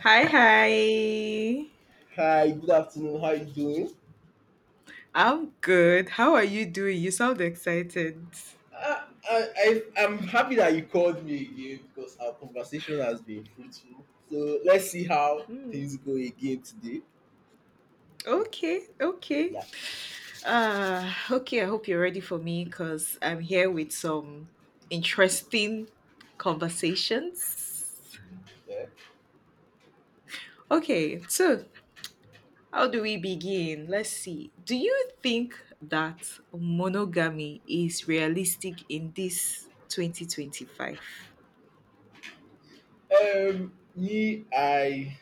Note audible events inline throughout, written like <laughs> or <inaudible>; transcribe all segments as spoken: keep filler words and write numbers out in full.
Hi, hi. Hi, good afternoon. How you doing? I'm good. How are you doing? You sound excited. I, I, I, I'm happy that you called me again because our conversation has been fruitful. So let's see how Hmm. things go again today. Mm, Okay, okay. yeah. Uh, okay, I hope you're ready for me because I'm here with some interesting conversations. yeah. Okay, so how do we begin? Let's see. Do you think that monogamy is realistic in this twenty twenty-five? Um, me, I,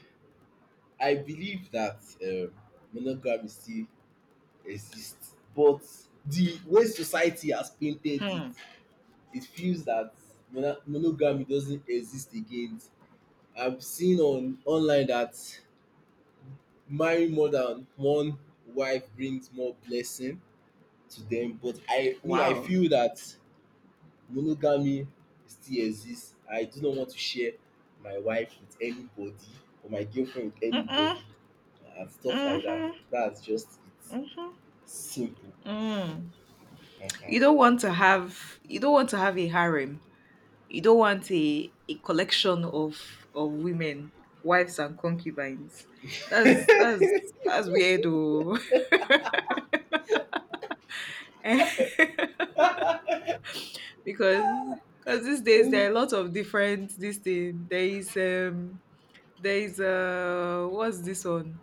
I believe that um, monogamy still exists, but the way society has painted it, Hmm. it feels that mono- monogamy doesn't exist again. I've seen on online that marrying more than one wife brings more blessing to them, but I me I Wow. feel that monogamy still exists. I do not want to share my wife with anybody or my girlfriend with Mm-mm. anybody and stuff like that. Mm-hmm. That's just it. Simple. Mm. You Uh-huh. don't want to have you don't want to have a harem. You don't want a, a collection of of women, wives and concubines. That's that's that's weird though. <laughs> Eh, because because these days there are a lot of different this thing. There is um there is uh what's this one?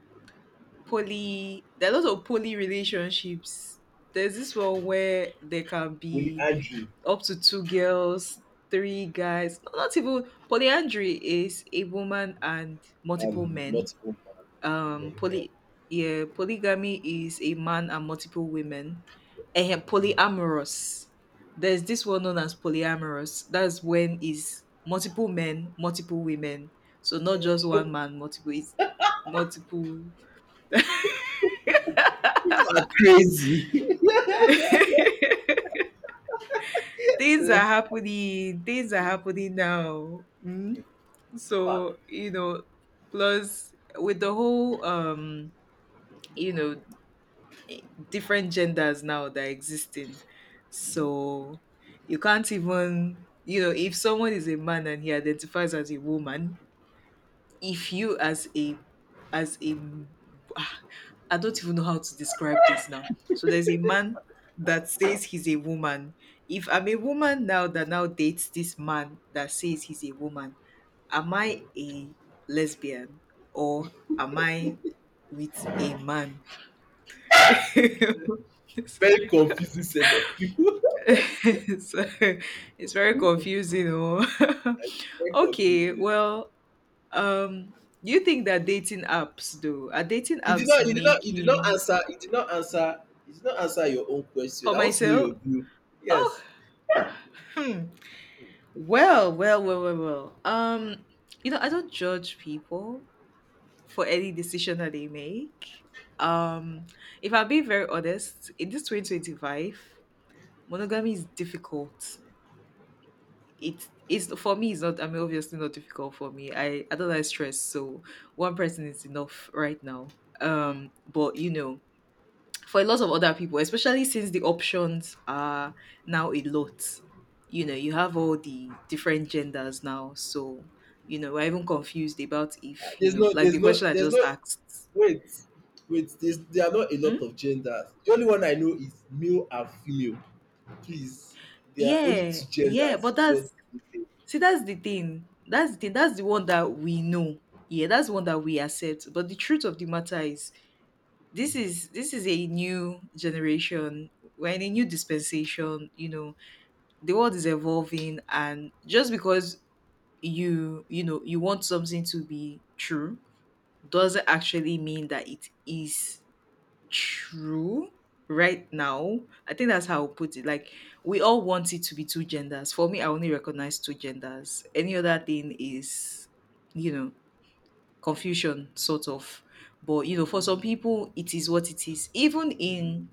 Poly, there are a lot of poly relationships. There's this one where there can be Polyandry up to two girls, three guys. No, not even, polyandry is a woman and multiple and men. multiple men. Um, men, eh. poly yeah, polygamy is a man and multiple women. And polyamorous. There's this one known as polyamorous. That's when is multiple men, multiple women. So not just one man, multiple. It's multiple. People are crazy. <laughs> <laughs> things are happening things are happening now. mm. So you know, plus with the whole um you know, different genders now that are existing. So you can't even, you know, if someone is a man and he identifies as a woman, if you as a as a <sighs> ah, I don't even know how to describe this now. So there's a man that says he's a woman. If I'm a woman now that now dates this man that says he's a woman, am I a lesbian or am I with a man? <laughs> So Very confusing set of people. it's very confusing. Oh, <laughs> <laughs> Very okay. confusing. Well, Um, do you think that dating apps though are dating You did apps not you did not you did not making answer you did not answer you did not answer your own question. for I want to know myself? your view. Yes. Hmm. Well, well, well, well, well. Um, you know, I don't judge people for any decision that they make. Um, if I'm being very honest, in this twenty twenty-five, monogamy is difficult. It is for me. It's not. I mean, obviously, not difficult for me. I I don't like stress, so one person is enough right now. Um, but you know, for a lot of other people, especially since the options are now a lot. You know, you have all the different genders now. So, you know, we're even confused about Uh, if, you There's know, no like there's the no question I There's no just asked. wait wait there's, there are not a Hmm? lot of genders. The only one I know is male and female. Please, there are only Yeah, two yeah, genders but God that's, created. see, that's the thing. That's the thing. That's the one that we know. Yeah, that's the one that we accept. But the truth of the matter is, Mm. this is this is a new generation. We're in a new dispensation. You know, the world is evolving, and just because you you know you want something to be true doesn't actually mean that it is true right now. I think that's how I'll put it. Like, we all want it to be two genders. For me, I only recognize two genders. Any other thing is, you know, confusion sort of. But you know, for some people, it is what it is. Even in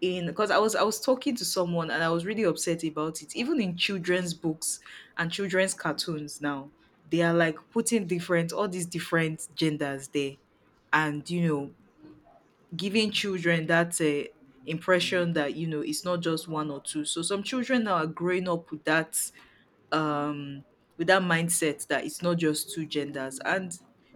in because I was I was talking to someone and I was really upset about it. Even in children's books and children's cartoons now, they are like putting different, all these different genders there, and you know, giving children that uh, impression that, you know, it's not just one or two. So some children now are growing up with that um with that mindset that it's not just two genders. And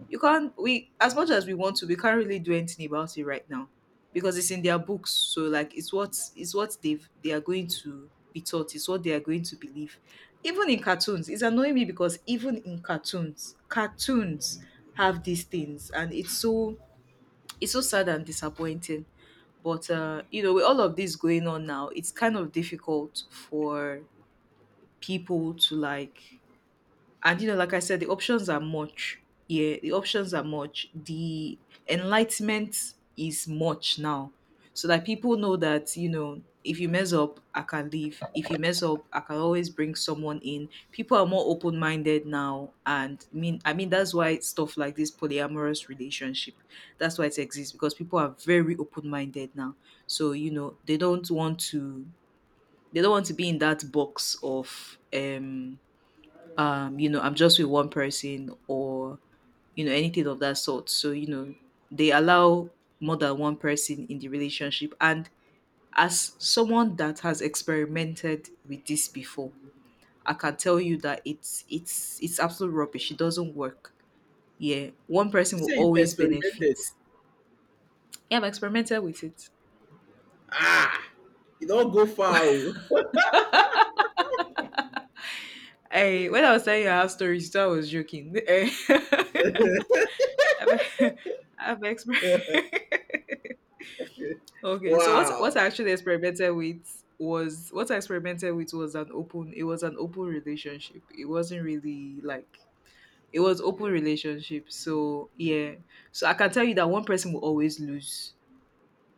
you can't, we as much as we want to, we can't really do anything about it right now, because it's in their books. So like it's what, it's what they've, they are going to be taught, it's what they are going to believe. Even in cartoons, it's annoying me, because even in cartoons cartoons have these things and it's so, it's so sad and disappointing. But uh, you know, with all of this going on now, it's kind of difficult for people to like, and you know, like I said, the options are much. Yeah, the options are much, the enlightenment is much now. So that people know that, you know, if you mess up I can leave, if you mess up I can always bring someone in. People are more open-minded now, and i mean i mean that's why stuff like this polyamorous relationship, that's why it exists, because people are very open-minded now. So you know, they don't want to they don't want to be in that box of um um you know, I'm just with one person or, you know, anything of that sort. So you know, they allow more than one person in the relationship. And as someone that has experimented with this before, I can tell you that it's it's it's absolute rubbish. It doesn't work. Yeah, one person You will say you've always experimented. benefit. Yeah, I've experimented with it. Ah, you don't go far. Oh. I, when I was telling you I have stories, so I was joking. <laughs> I've, <laughs> I've experienced. <laughs> <laughs> Okay, so what what Wow. I actually experimented with was, what I experimented with was an open it was an open relationship. It wasn't really like, it was open Okay. relationship. So yeah. So I can tell you that one person will always lose.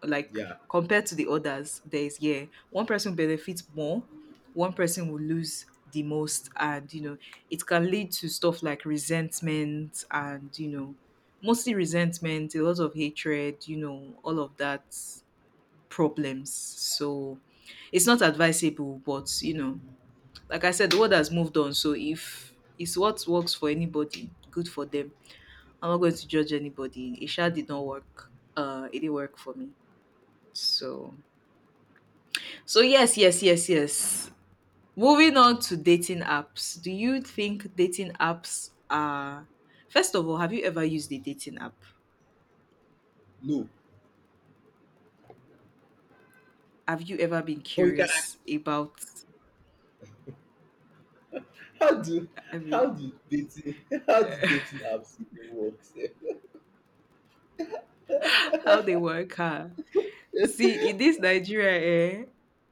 Like Yeah. compared to the others, there is, yeah, one person benefits more, one person will lose the most, and you know, it can lead to stuff like resentment and you know, mostly resentment, a lot of hatred, you know, all of that problems. So it's not advisable, but you know, like I said, the world has moved on. So if it's what works for anybody, good for them. I'm not going to judge anybody. Isha did not work. Uh, it didn't work for me. So, so yes, yes, yes, yes. Moving on to dating apps. Do you think dating apps are? First of all, have you ever used a dating app? No. Have you ever been But you can curious about, how do I mean, how do dating <laughs> how do dating apps even work sef? <laughs> how they work? Huh? See, in this Nigeria, eh?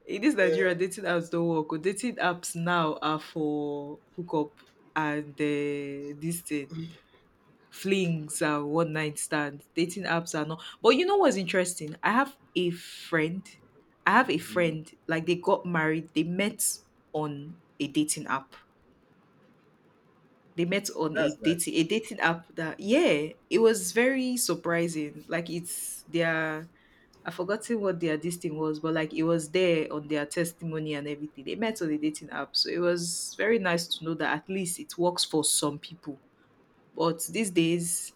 In this Nigeria, dating apps don't work. Oh. Dating apps now are for hookup and uh, this thing, flings and one night stands. Dating apps are not. But you know what's interesting? I have a friend. I have a Hmm, friend. Like they got married. They met on a dating app. They met on a that's dating nice. a dating app. That, yeah, it was very surprising. Like it's their, I forgotten what their this thing was, but like it was there on their testimony and everything. They met on the dating app, so it was very nice to know that at least it works for some people. But these days,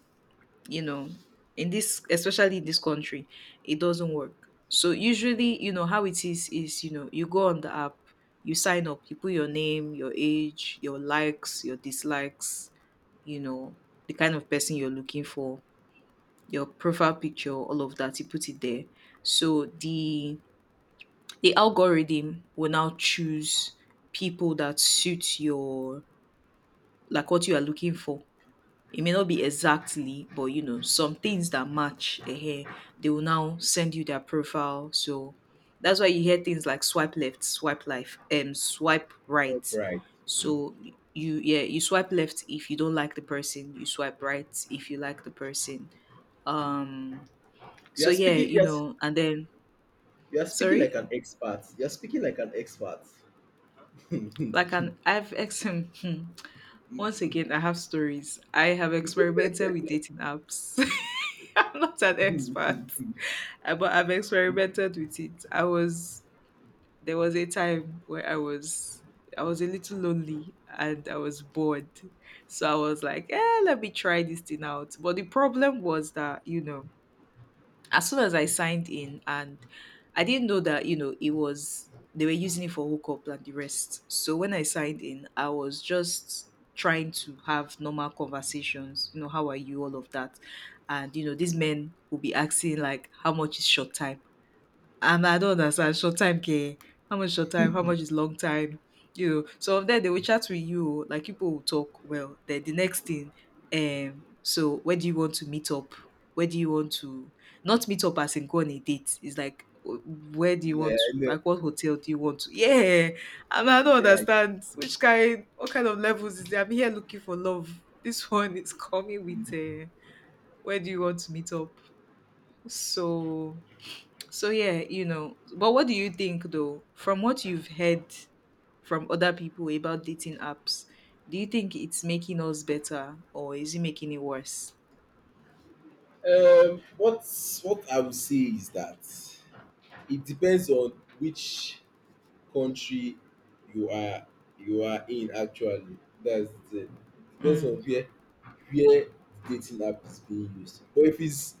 you know, in this, especially in this country, it doesn't work. So usually, you know, how it is is you know, you go on the app, you sign up, you put your name, your age, your likes, your dislikes, you know, the kind of person you're looking for, your profile picture, all of that, you put it there. So the the algorithm will now choose people that suit your, like, what you are looking for. It may not be exactly, but you know, some things that match, eh, eh, they will now send you their profile. So that's why you hear things like swipe left, swipe life, um swipe right. Alright. So you, yeah, you swipe left if you don't like the person, you swipe right if you like the person. Um You so are yeah, speaking you yes, know, and then you are speaking like sorry? an expert. You are speaking like an expert. <laughs> Like an I've X M. <laughs> Once again, I have stories. I have experimented with dating apps. <laughs> I'm not an expert, uh, but I've experimented with it. I was there was a time where I was I was a little lonely and I was bored, so I was like, "Eh, let me try this thing out." But the problem was that, you know, as soon as I signed in, and I didn't know that, you know, it was, they were using it for hookup and the rest. So when I signed in, I was just trying to have normal conversations, you know, how are you, all of that. And you know, these men will be asking like, how much is short time? And I don't understand short time care. How much short time? How much is long time? You know, so of they will chat with you, like people will talk well. Then the next thing, um, so where do you want to meet up? Where do you want to, not meet up as in go on a date? It's like wh- where do you Yeah, want I to, know. like what hotel do you want to? Yeah. And I don't Yeah. understand which kind, what kind of levels is there? I'm here looking for love. This <laughs> one is coming with uh, where do you want to meet up? So, so yeah, you know. But what do you think though, from what you've heard from other people about dating apps, do you think it's making us better or is it making it worse? Um, what what I would say is that it depends on which country you are you are in actually. That's it. Depends Mm. on where where dating app is being used. But if it's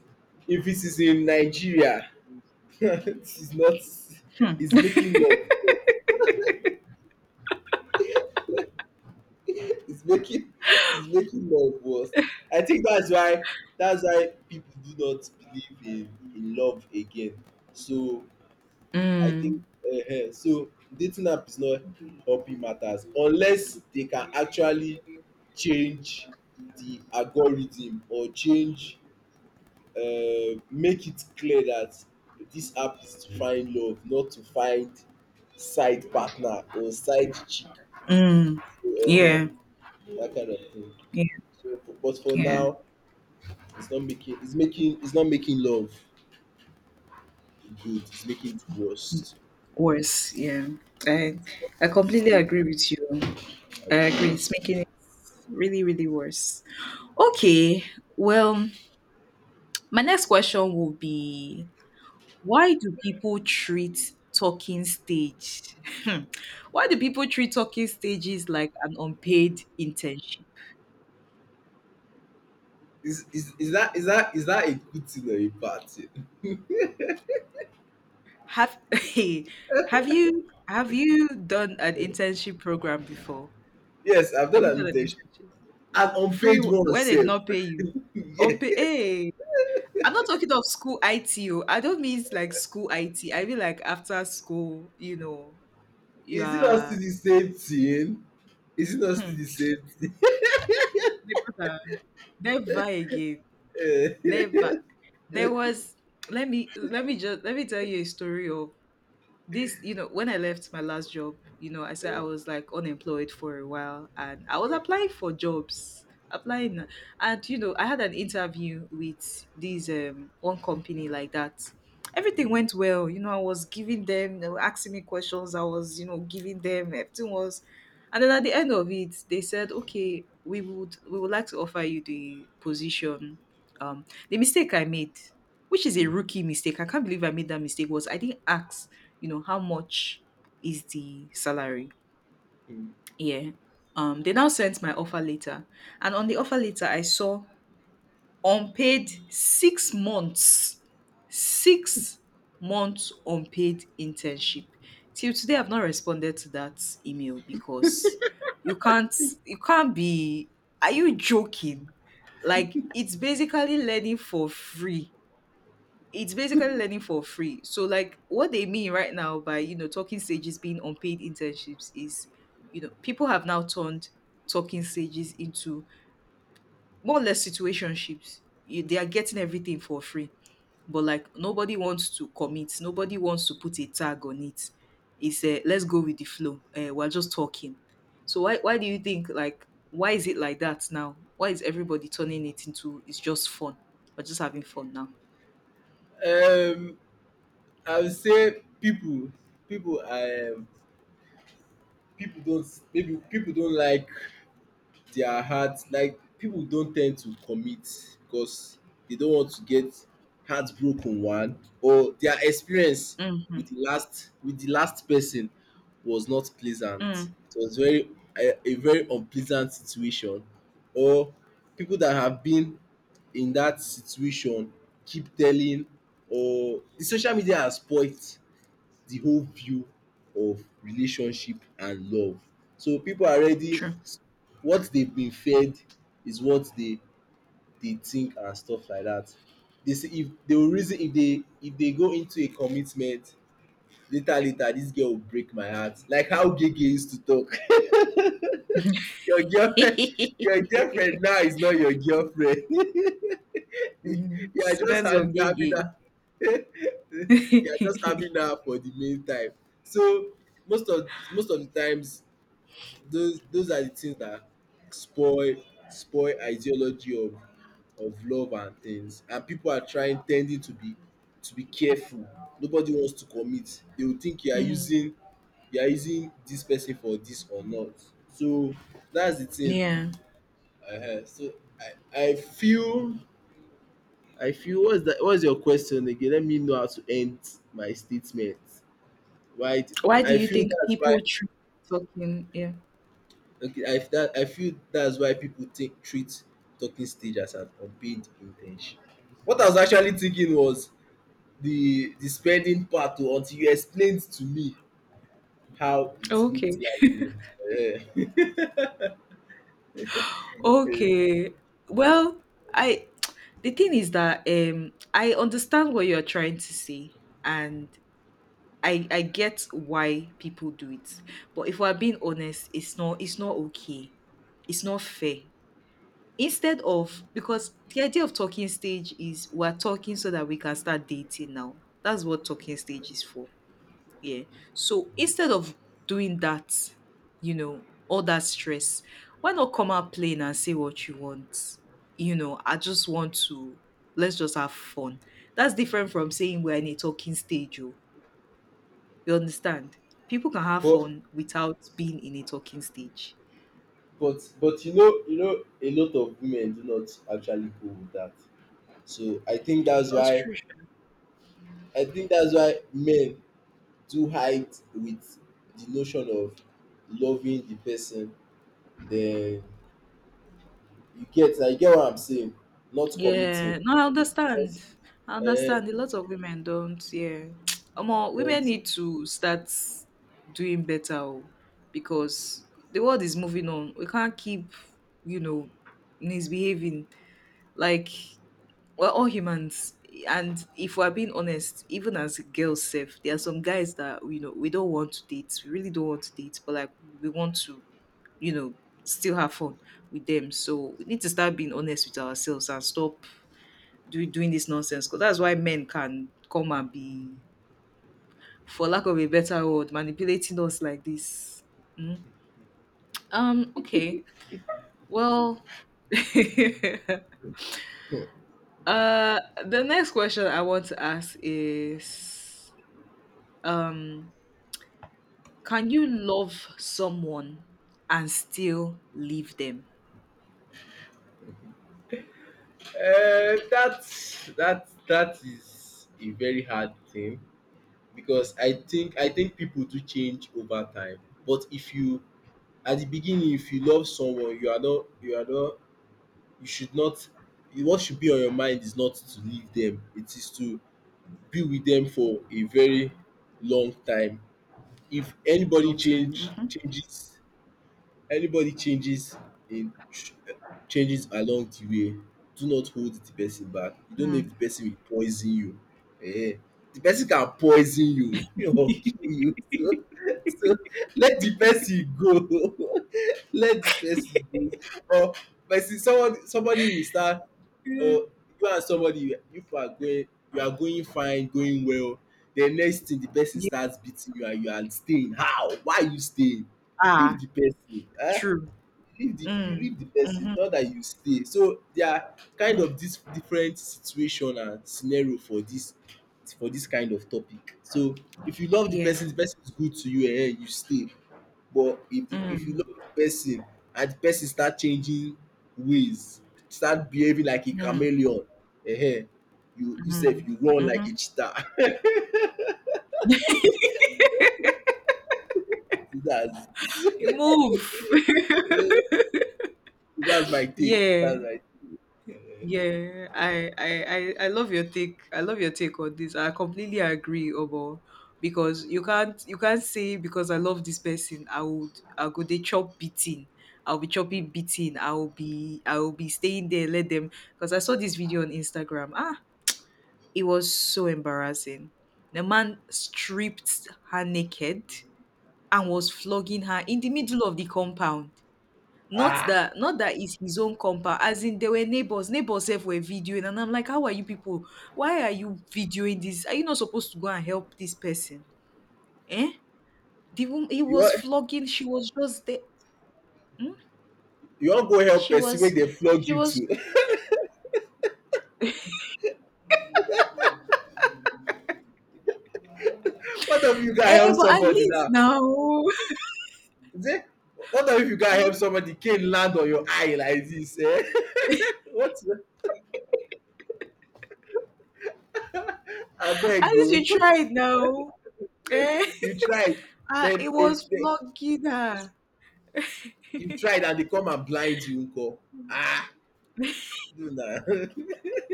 if it is in Nigeria, <laughs> it's not Hmm. it's making love worse. It's making it's making love worse. I think that's why that's why people do not believe in in love again. So I think Mm. uh, so dating app is not helping matters unless they can actually change the algorithm or change uh, make it clear that this app is to find love, not to find side partner or side chick, Mm. so, uh, Yeah. that kind of thing. Yeah. So, but for Yeah. now, it's not making it's making it's not making love good. It's making it worse. Worse. Yeah. I I completely So, agree with you. I agree. Nigeria. It's making it really, really worse. Okay. Well, my next question will be, why do people treat talking stage? Hmm. Why do people treat talking stages like an unpaid internship? Is, is, is that is that is that a good thing or a bad thing? Have <laughs> Hey, have you have you done an <laughs> internship program before? Yes, I've Have done you an done an intention. internship? An Free, unpaid one where they sef. <laughs> not pay you? Unpaid. Yeah. Hey, I'm not talking of school I T, oh. I don't mean like school I T. I mean like after school. You know, you Is it not are. still the same thing? Is it not still Hmm, the same thing? my brother, never again. <laughs> Never. There was let me let me just let me tell you a story of this. You know when I left my last job, you know I said I was, like, unemployed for a while, and I was applying for jobs, applying. And you know I had an interview with this um one company like that. Everything Mm, went well. You know I was giving them, they were asking me questions, I was, you know giving them everything. Was— and then at the end of it, they said, okay, we would we would like to offer you the position. Um the mistake I made, which is a mm, rookie mistake— I can't believe I made that mistake— was, I didn't ask, you know, how much is the salary? mm. Yeah. Um, they now sent my offer letter, and on the offer letter, I saw unpaid six months, six months unpaid internship. Till today, I've not responded to that email because you can't, you can't, be. Are you joking? Like, it's basically learning for free. It's basically learning for free. So, like, what they mean right now by you know talking stages being unpaid internships is, you know people have now turned talking stages into more or less situationships. You— they are getting everything for free, but, like, nobody wants to commit. Nobody wants to put a tag on it. It's a— let's go with the flow. Uh, we're just talking. So, why why do you think, like, why is it like that now? Why is everybody turning it into it's just fun? We're just having fun now. Um, I would say people, people, um, people don't maybe people don't like their heart like people don't tend to commit because they don't want to get heartbroken one, or their experience Mm-hmm. with the last with the last person was not pleasant. Mm, It was very a, a very unpleasant situation, or people that have been in that situation keep telling, or the social media has spoilt the whole view of relationship and love, so people are ready. true. What they've been fed is what they they think and stuff like that. They say if they will reason if they if they go into a commitment, later later this girl will break my heart like how Gege used to talk. <laughs> Your girlfriend <laughs> your girlfriend now is not your girlfriend. <laughs> you Mhm. are just Students hand- of having gay. <laughs> her <laughs> you are just having her for the meantime. So most of most of the times those those are the things that spoil spoil ideology of of love and things, and people are trying tending to be to be careful. Nobody wants to commit. They will think you are Mm. using you are using this person for this or not. So that's the thing. Yeah. Uh, so I I feel I feel what's that What's your question again? Let me know how to end my statement right. Why do I you feel think that's why people treat talking? Yeah. Okay, I that I feel that's why people think treat talking stage as an unpaid internship. What I was actually thinking was the the spending part o until you explained to me how it Okay. looked like, yeah. um Okay. Well, I the thing is that um I understand what you're trying to say, and I I get why people do it. But if we're being honest, it's not it's not okay. It's not fair. Instead of— because the idea of talking stage is, we're talking so that we can start dating now. That's what talking stage is for. Yeah. So instead of doing that, you know, all that stress, why not come out plain and say what you want? You know, I just want to let's just have fun. That's different from saying we're in a talking stage. Oh. You understand? People can <laughs> have but fun without being in a talking stage. but but you know you know a lot of women do not actually go with that. So I think that's That's why true. I think that's why men do hide with the notion of loving the person then. You get? I get what I'm saying? Not Yeah, committing. no, I Just understand. I understand. um A lot of women don't. Yeah, <tsk> Omo, women don't need to start doing better, oh, because the world is moving on. We can't keep, you know, misbehaving, like, we're all humans. And if we're being honest, even as girls, safe, there are some guys that, you know we don't want to date. We really don't want to date, but, like, we want to, you know, still have fun with them. So we need to start being honest with ourselves and stop do, doing this nonsense, because that's why men can come and be, for lack of a better word, manipulating us like this. Mm. Um okay, well, <laughs> uh the next question I want to ask is, um can you love someone and still leave them? Uh, that that that is a very hard thing because I think I think people do change over time. But if you at the beginning, if you love someone, you are not you are not you should not. What should be on your mind is not to leave them. It is to be with them for a very long time. If anybody Long time. change Mhm. changes. Everybody changes in changes along the way. Do not hold the person back. You don't know Mm. if the person will poison you. Ehen. The person can poison you <laughs> or kill you. So so let the person go. <laughs> Let the person go. Or person someone somebody will start, Mm. or you and somebody you are going you are going fine, going well. The next thing the person Yeah. starts beating you and you are staying. How? Why are you staying? Ah, Leave the person. um true. Leave the you Mm. leave the person, Hmm. not that you stay. So there are kind of this different situation and scenario for this for this kind of topic. So if you love the Yeah. person, the person is good to you, eh, you stay. But if the if you Mm. love the person and the person start changing ways, start behaving like a Mm. chameleon, eh, you you Mm. sef, you run like Hmm. a cheetah. <laughs> That's <laughs> You move. that's my <laughs> take, Yeah. that's my. Yeah. I, I I I love your take. I love your take on this. I completely agree, Obo. Because you can't you can't say, because I love this person, I would I'll go they chop beating. I'll be chopping beating. I'll be I'll be staying there, let them, because I saw this video on Instagram. Ah, it was so embarrassing. The man stripped her naked and was flogging her in the middle of the compound. Not Ah, that not that it's his own compound, as in they were neighbors— neighbors sef were videoing, and I'm like, "How are you people? Why are you videoing this? Are you not supposed to go and help this person?" Eh? The woman, he you was want flogging, she was just there. you want go help She person make was dem flog she you was too. <laughs> What of you can Eh, help but at somebody least now? now, <laughs> Say, what of if you can help somebody can land on your eye like this? Eh? <laughs> What? at Abeg o, least you you. tried now. Eh? You tried, <laughs> Ah, then it they, was they, flogging her. you tried and they come and blind you nko. Ah, do na. <laughs> They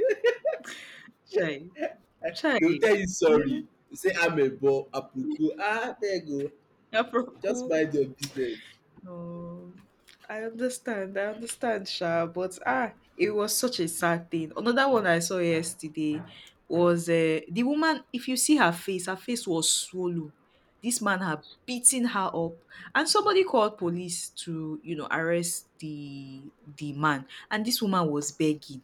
Chai, chai. will tell you sorry. Mhm. You say I'm amebo, aproko, ah there you go. Aproko. Just mind your business. Oh, I understand. I understand, Sha. But ah, it was such a sad thing. Another one I saw yesterday was, uh, the woman. If you see her face, her face was swollen. This man had beaten her up, and somebody called police to, you know arrest the the man. And this woman was begging.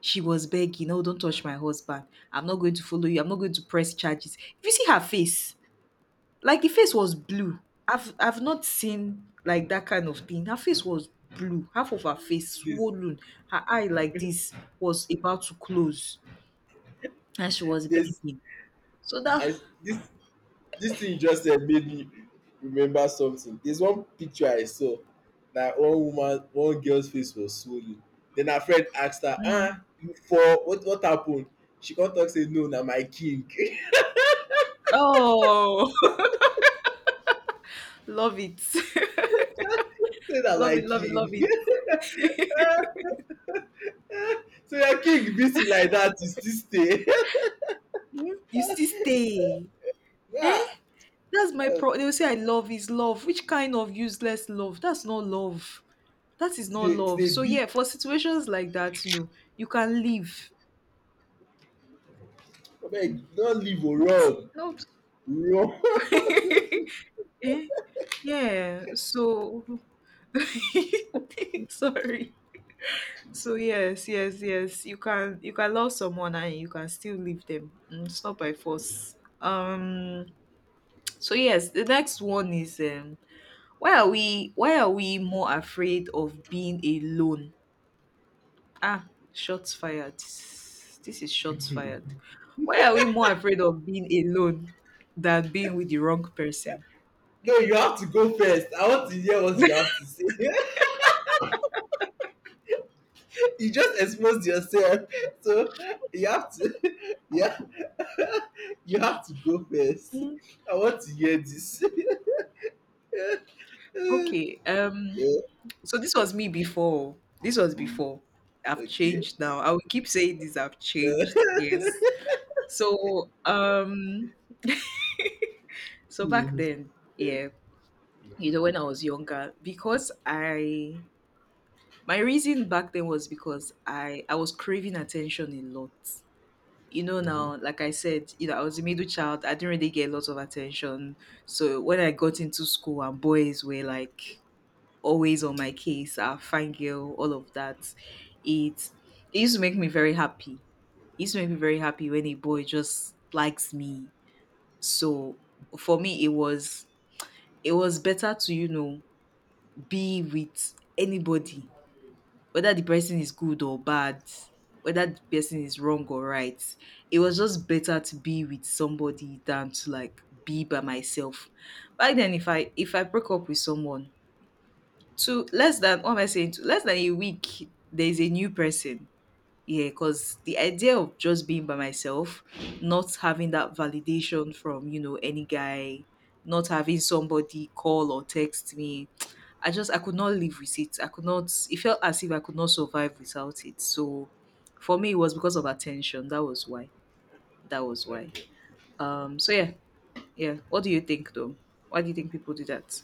She was begging, "No, don't touch my husband. I'm not going to follow you. I'm not going to press charges." If you see her face, like, the face was blue. I've I've not seen, like, that kind of thing. Her face was blue. Half of her face This, swollen. Her eye, like this, was about to close. And she was this, begging. So that I, this this thing you just said made me remember something. There's one picture I saw that one woman one girl's face was swollen. Then her friend asked her, Mm. "Ah, you fall? what what happened?" She come talk say no na my king <laughs> say Oh, <laughs> love it. <laughs> na Love my it, love it, love king. it. <laughs> So your king beat you like dat till still stay? <laughs> Mm. You still stay. Eh? Today, That's my pro, they will say, I love is love. Which kind of useless love? That's not love. That is to not dey to love. dey So, beat. yeah, for situations like that, you know, you can leave. Abeg no leave oo, run, No. run. <laughs> <laughs> Yeah, so— <laughs> sorry. So yes, yes, yes. You can you can love someone and you can still leave them. Mm. It's not by force. Um so yes, the next one is, um why are we why are we more afraid of being alone? Ah, shots fired. This is shots fired. Why are we more afraid of being alone than being with the wrong person? No, you have to go first. I want to hear what you have to say. <laughs> You just exposed yourself. <laughs> So you have to <laughs> yeah. You have to go first. <laughs> I want to hear this. <laughs> Yeah. Okay, um so this was me before. This was Mm, before. I've okay. changed now. I will keep saying this. I've changed. Yes. So um, so back Mm-hmm. then, yeah, you know, when I was younger, because— I my reason back then was because I I was craving attention a lot. You know now, like I said, you know, I was a middle child. I didn't really get a lot of attention. So when I got into school, and boys were like always on my case, a fine girl, all of that. It it used to make me very happy. It used to make me very happy when a boy just likes me. So for me it was it was better to, you know, be with anybody, whether the person is good or bad, whether the person is wrong or right. It was just better to be with somebody than to, like, be by myself. Back then, if I if I broke up with someone— to less than— what am I saying? To less than a week, there is a new person. Yeah, because the idea of just being by myself, not having that validation from, you know any guy, not having somebody call or text me, I just I could not live with it. I could not. It felt as if I could not survive without it. So, for me, it was because of attention. That was why. That was why. Okay. Um. So yeah, yeah. What do you think though? Why do you think people do that?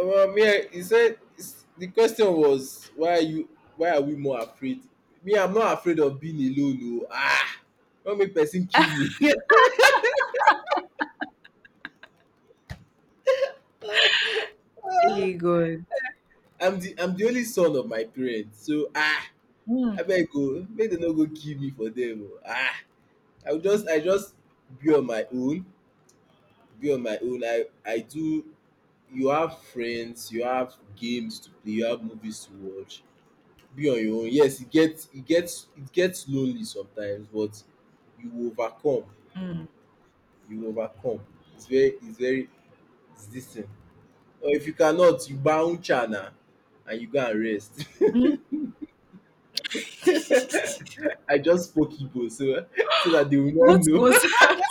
Um, yeah, he said it's- the question was why are you why are we more afraid? Me, I'm not afraid of being alone. Oh, ah, don't make person kill me. <laughs> Hey God. I'm the I'm the only son of my parents, so ah, Mm. abeg o, make dem no go kill me for dem o. Ah, I will just I just be on my own, be on my own. I I do you have friends, you have games to play, you have movies to watch, be on your own. Yes, it gets it gets it gets lonely sometimes, but you overcome. Mm. You overcome. It's very it's very it's this thing. Or if you cannot, you bounce now and you go and rest. <laughs> I just spoke people so <laughs> so that they will not What know. was— <laughs> <laughs> that?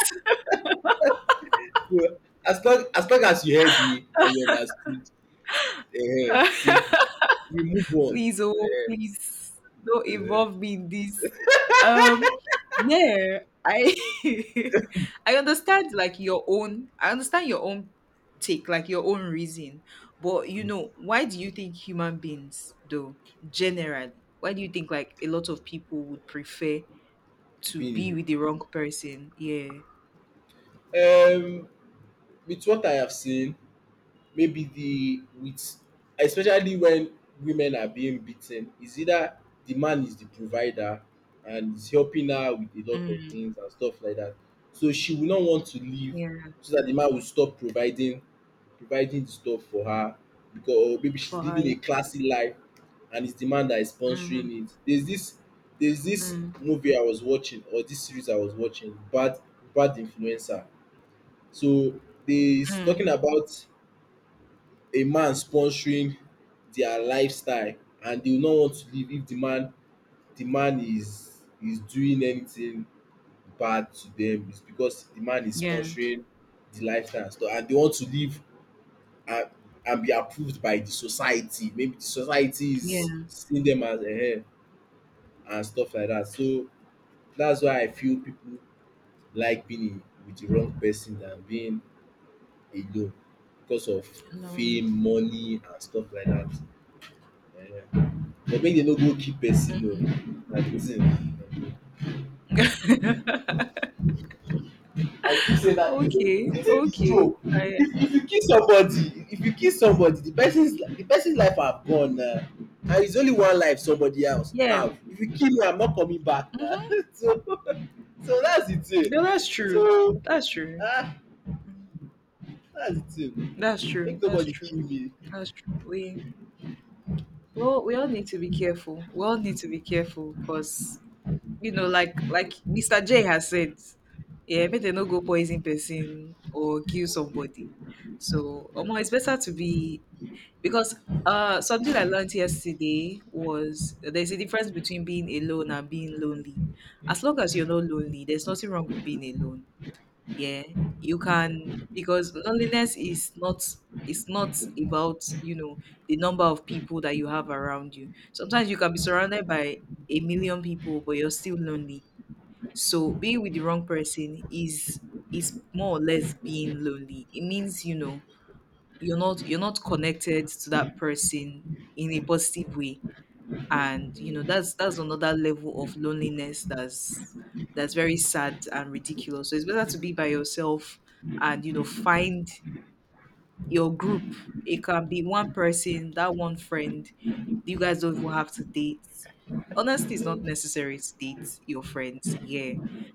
So as long as long as you heard me and you understood, uh, simple. We move on. Please, oh, please don't Uh, involve me in this. Um, yeah, I <laughs> I understand, like, your own I understand your own take, like your own reason. But, you know, why do you think human beings, though, generally— why do you think, like, a lot of people would prefer to being be in with the wrong person? Yeah. it. Um with what I have seen, maybe the with especially when women are being beaten, is either the man is the provider and is helping her with a lot of Mm, things and stuff like that. So she will not want to leave yeah. so that the man will stop providing providing the stuff for her. Because or maybe For she's living higher. a classy life and it's the man that is Mm-hmm. sponsoring it. There's this there's this Mm. movie I was watching or this series I was watching, Bad Bad Influencer. So they is talking Mm. about a man sponsoring their lifestyle, and they will not want to leave if the man the man is is doing anything bad to them. It's because the man is Yeah. sponsoring the lifestyle and and they want to leave and and be approved by the society. Maybe the society Yeah. is seeing them as a and stuff like that. So that's why I feel people like being in with the wrong person than being alone because of No. fame, money, and stuff like that. Ehen. But make dem no go kill person oo, na the thing. <laughs> I keep saying that the thing Okay, the thing is okay. true. I, If if you kill somebody, if you kill somebody, the person's li- the person's life are gone now. And it's only one life somebody else yeah. have. If you kill me, I'm not coming back now. Mm-hmm. <laughs> So so that's the Yeah, thing. that's true. So That's true. ah that's the thing. That's true. Make That's nobody true. kill me. That's true. We well, we all need to be careful. We all need to be careful because, you know, like like Mister J has said, yeah, make they no go poison person or kill somebody. So, um, it's better to be— because uh something I learned yesterday was, there's a difference between being alone and being lonely. As long as you're not lonely, there's nothing wrong with being alone. Yeah. You can. Because loneliness is not it's not about, you know the number of people that you have around you. Sometimes you can be surrounded by a million people, but you're still lonely. So being with the wrong person is is more or less being lonely. It means, you know you're not you're not connected to that person in a positive way. And, you know that's that's another level of loneliness. That's that's very sad and ridiculous. So it's better to be by yourself and, you know find your group. It can be one person, that one friend. You guys don't even have to date. Honestly, it's not necessary to date your friends. Yeah.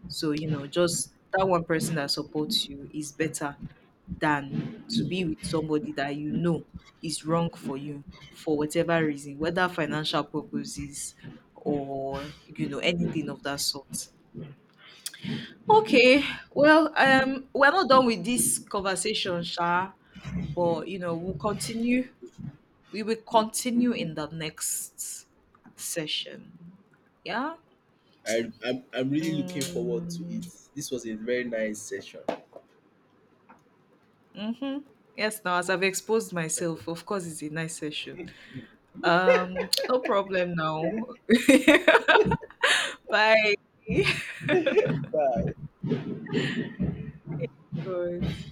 So, you know, just that one person that supports you is better than to be with somebody that you know is wrong for you, for whatever reason, whether financial purposes or, you know, anything of that sort. Okay, well, um, we're not done with this conversation, Sha, but, you know, we'll continue. We will continue in the next session. Yeah. I, I'm, I'm really looking forward to it. Mm-hmm. This was a very nice session. Mm-hmm. Yes. Now, as I've exposed Thank myself, you. of course, it's a nice session. Um, no problem now. <laughs> Bye. <laughs> Good.